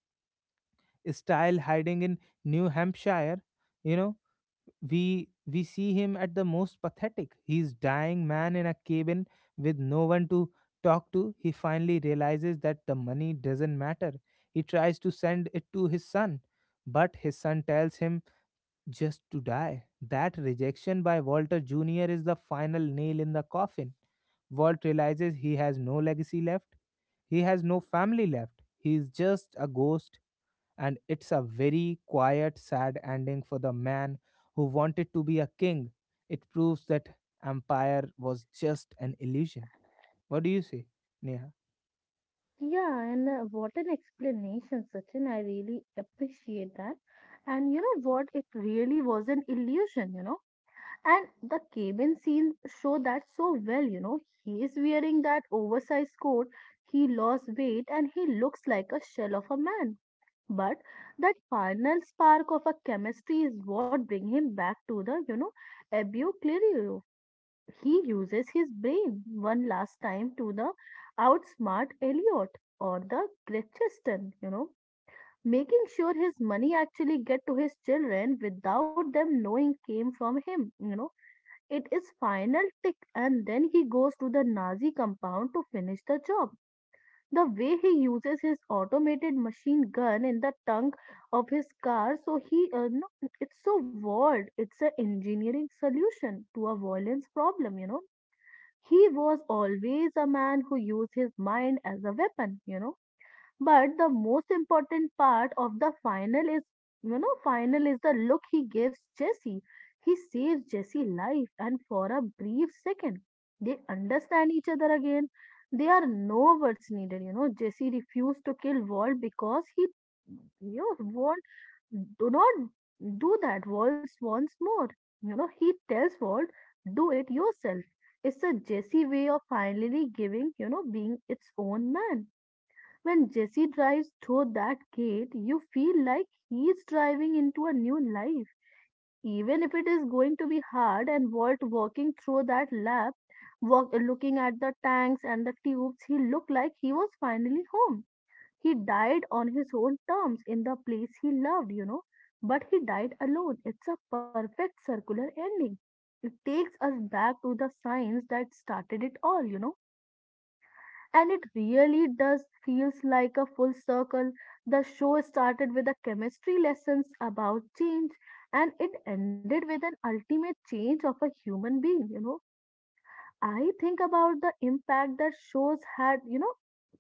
Speaker 1: style hiding in New Hampshire. You know, we see him at the most pathetic. He's dying man in a cabin with no one to talk to. He finally realizes that the money doesn't matter. He tries to send it to his son, but his son tells him just to die. That rejection by Walter Jr. is the final nail in the coffin. Walt realizes he has no legacy left. He has no family left. He is just a ghost and it's a very quiet, sad ending for the man who wanted to be a king. It proves that empire was just an illusion. What do you say, Neha?
Speaker 2: Yeah, and what an explanation, Sachin. I really appreciate that. And you know what? It really was an illusion, you know. And the cabin scene show that so well, you know. He is wearing that oversized coat. He lost weight and he looks like a shell of a man. But that final spark of a chemistry is what bring him back to the, you know, Abu Clerio. He uses his brain one last time to the outsmart Elliot or the Gretchen, you know, making sure his money actually get to his children without them knowing came from him, you know. It is final tick and then he goes to the Nazi compound to finish the job. The way he uses his automated machine gun in the trunk of his car, so he, no, it's so wild. It's an engineering solution to a violence problem, you know, he was always a man who used his mind as a weapon, you know. But the most important part of the final is, you know, final is the look he gives Jesse. He saves Jesse's life, and for a brief second, they understand each other again. There are no words needed, you know. Jesse refused to kill Walt because he, you know, do not do that Walt. Once more. You know, he tells Walt, do it yourself. It's a Jesse way of finally giving, you know, being its own man. When Jesse drives through that gate, you feel like he's driving into a new life. Even if it is going to be hard and Walt walking through that lab, walk, looking at the tanks and the tubes, he looked like he was finally home. He died on his own terms in the place he loved, you know, but he died alone. It's a perfect circular ending. It takes us back to the science that started it all, you know. And it really does feels like a full circle. The show started with a chemistry lessons about change and it ended with an ultimate change of a human being, you know. I think about the impact that shows had, you know,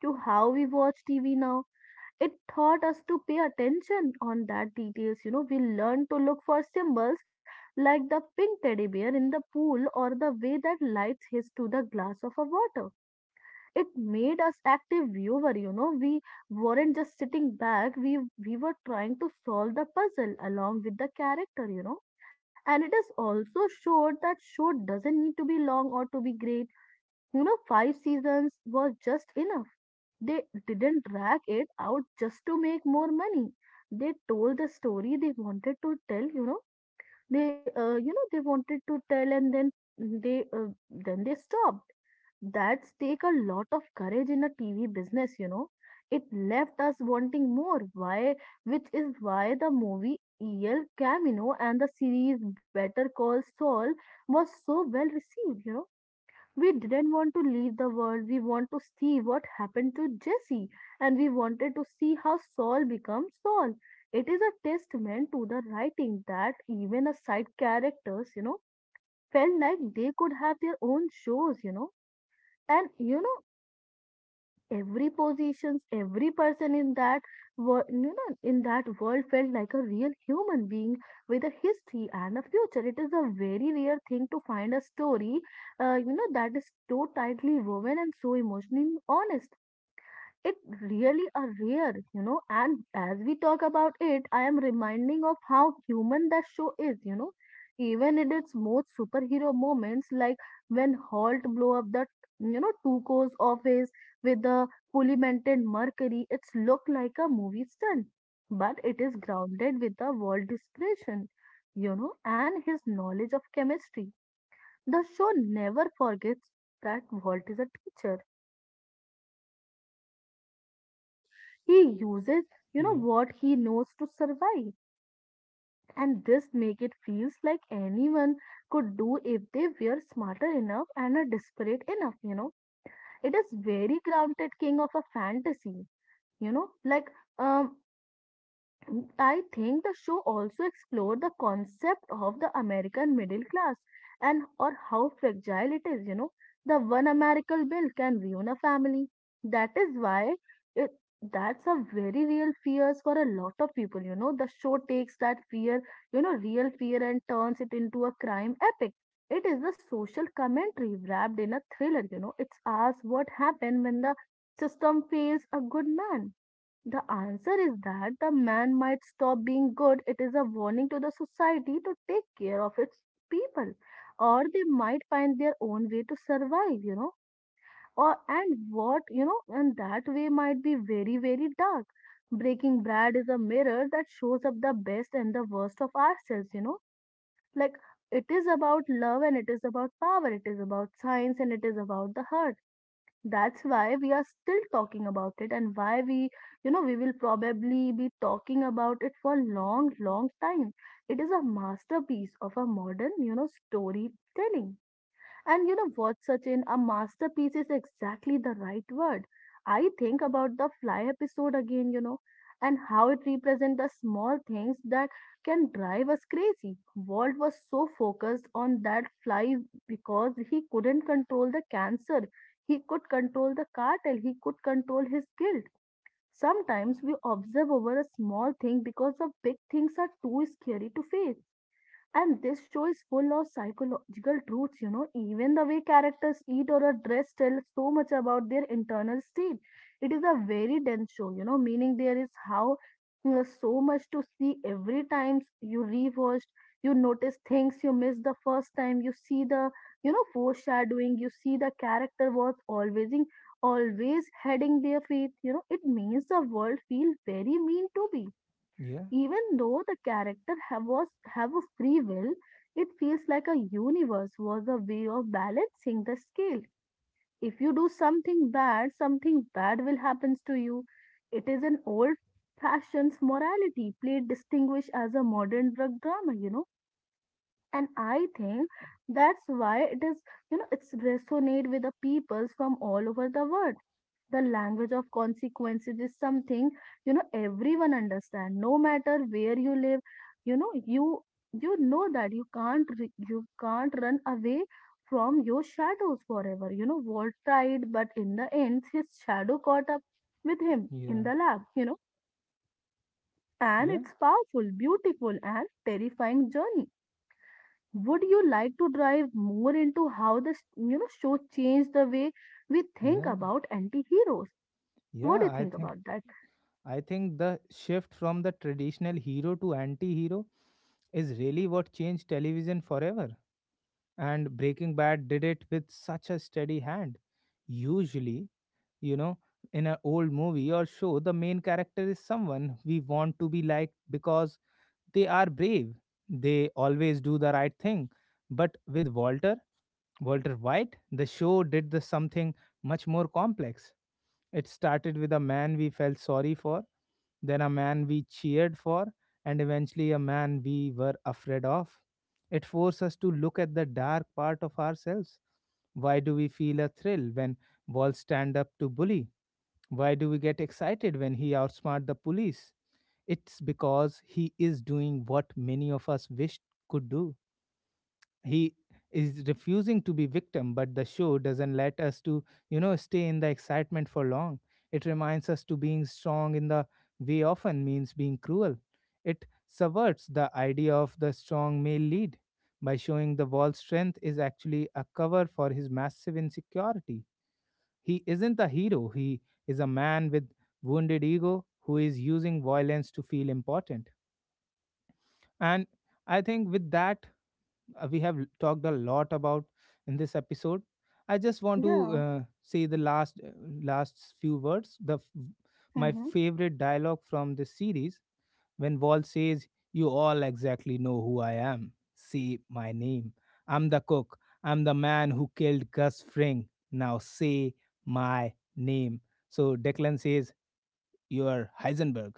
Speaker 2: to how we watch TV now. It taught us to pay attention on that details, you know, we learned to look for symbols like the pink teddy bear in the pool or the way that lights his to the glass of a water. It made us active viewer, you know. We weren't just sitting back, we were trying to solve the puzzle along with the character, you know. And it is also showed that show doesn't need to be long or to be great, you know, five seasons was just enough. They didn't drag it out just to make more money. They told the story they wanted to tell, you know. They, you know, they wanted to tell, and then they stopped. That's take a lot of courage in a TV business, you know. It left us wanting more. Why? Which is why the movie El Camino and the series Better Call Saul was so well received, you know, we didn't want to leave the world. We want to see what happened to Jesse, and we wanted to see how Saul becomes Saul. It is a testament to the writing that even a side characters, you know, felt like they could have their own shows, you know. And you know, every positions, every person in that world, you know, in that world felt like a real human being with a history and a future. It is a very rare thing to find a story, you know, that is so tightly woven and so emotionally honest. It really are rare, you know. And as we talk about it, I am reminding of how human that show is, you know. Even in its most superhero moments, like when Holt blow up the, you know, Tuco's office with the polymented mercury, it's look like a movie stunt, but it is grounded with the world desperation, you know, and his knowledge of chemistry. The show never forgets that Walt is a teacher, you know, he uses, you know,
Speaker 1: Yeah,
Speaker 2: what he knows to survive, and this make it feels like anyone could do if they were smarter enough and are desperate enough, you know. It is very grounded king of a fantasy, you know, like, um I think the show also explored the concept of the American middle class and or how fragile it is, you know. The one American bill can ruin a family. That is why it that's a very real fears for a lot of people, you know. The show takes that fear, you know, real fear and turns it into a crime epic. It is the social commentary wrapped in a thriller, you know. It's asks what happened when the system fails a good man? The answer is that the man might stop being good. It is a warning to the society to take care of its people, or they might find their own way to survive, you know. Or and what, you know, and that way might be very, very dark. Breaking Brad is a mirror that shows up the best and the worst of ourselves, you know. Like it is about love and it is about power, it is about science and it is about the heart. That's why we are still talking about it and why we, you know, we will probably be talking about it for long, long time. It is a masterpiece of a modern, you know, storytelling. And you know what, Sachin? A masterpiece is exactly the right word. I think about the fly episode again, you know, and how it represents the small things that can drive us crazy. Walt was so focused on that fly because he couldn't control the cancer, he could control the cartel, he could control his guilt. Sometimes we observe over a small thing because the big things are too scary to face. And this show is full of psychological truths, you know. Even the way characters eat or are dressed tells so much about their internal state. It is a very dense show, you know, meaning there is how you so much to see every time you rewatched, you notice things you missed the first time, you see the, you know, foreshadowing, you see the character was always in, always heading their faith, you know, it means the world feels very mean to be
Speaker 1: yeah,
Speaker 2: even though the character have was have a free will. It feels like a universe was a way of balancing the scale. If you do something bad will happens to you. It is an old fashioned morality played distinguished as a modern drug drama, you know. And I think that's why it is, you know, it's resonate with the peoples from all over the world. The language of consequences is something, you know, everyone understand no matter where you live, you know, you know that you can't run away from your shadows forever, you know. Walt tried but in the end his shadow caught up with him in
Speaker 1: yeah,
Speaker 2: the lab, you know. And
Speaker 1: yeah,
Speaker 2: it's powerful beautiful and terrifying journey. Would you like to drive more into how this, you know, show changed the way we think
Speaker 1: yeah,
Speaker 2: about anti-heroes? What do
Speaker 1: yeah.
Speaker 2: you think about that?
Speaker 1: I think the shift from the traditional hero to anti-hero is really what changed television forever. And Breaking Bad did it with such a steady hand. Usually, you know in an old movie or show the main character is someone we want to be like because they are brave, they always do the right thing, but with walter white the show did the something much more complex. It started with a man we felt sorry for, then a man we cheered for, and eventually a man we were afraid of. It forced us to look at the dark part of ourselves. Why do we feel a thrill when balls stand up to bully? Why do we get excited when he outsmart the police? It's because he is doing what many of us wished could do. He is refusing to be victim, but the show doesn't let us to, stay in the excitement for long. It reminds us to being strong in the way often means being cruel. It subverts the idea of the strong male lead by showing the wall's strength is actually a cover for his massive insecurity. He isn't a hero, he is a man with wounded ego who is using violence to feel important. And I think with that, we have talked a lot about in this episode. I just want to
Speaker 2: Yeah.
Speaker 1: say the last last few words. My
Speaker 2: Mm-hmm.
Speaker 1: favorite dialogue from this series, when Wall says, you all exactly know who I am, say my name. I'm the cook. I'm the man who killed Gus Fring. Now say my name. So Declan says, you're Heisenberg.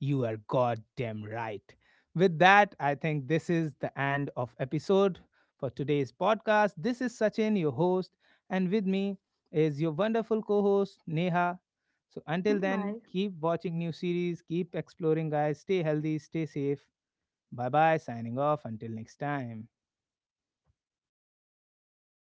Speaker 1: You are goddamn right. With that, I think this is the end of episode for today's podcast. This is Sachin, your host, and with me is your wonderful co-host Neha. So until
Speaker 2: Bye-bye.
Speaker 1: then, keep watching new series, keep exploring guys, stay healthy, stay safe. Bye-bye, signing off until next time.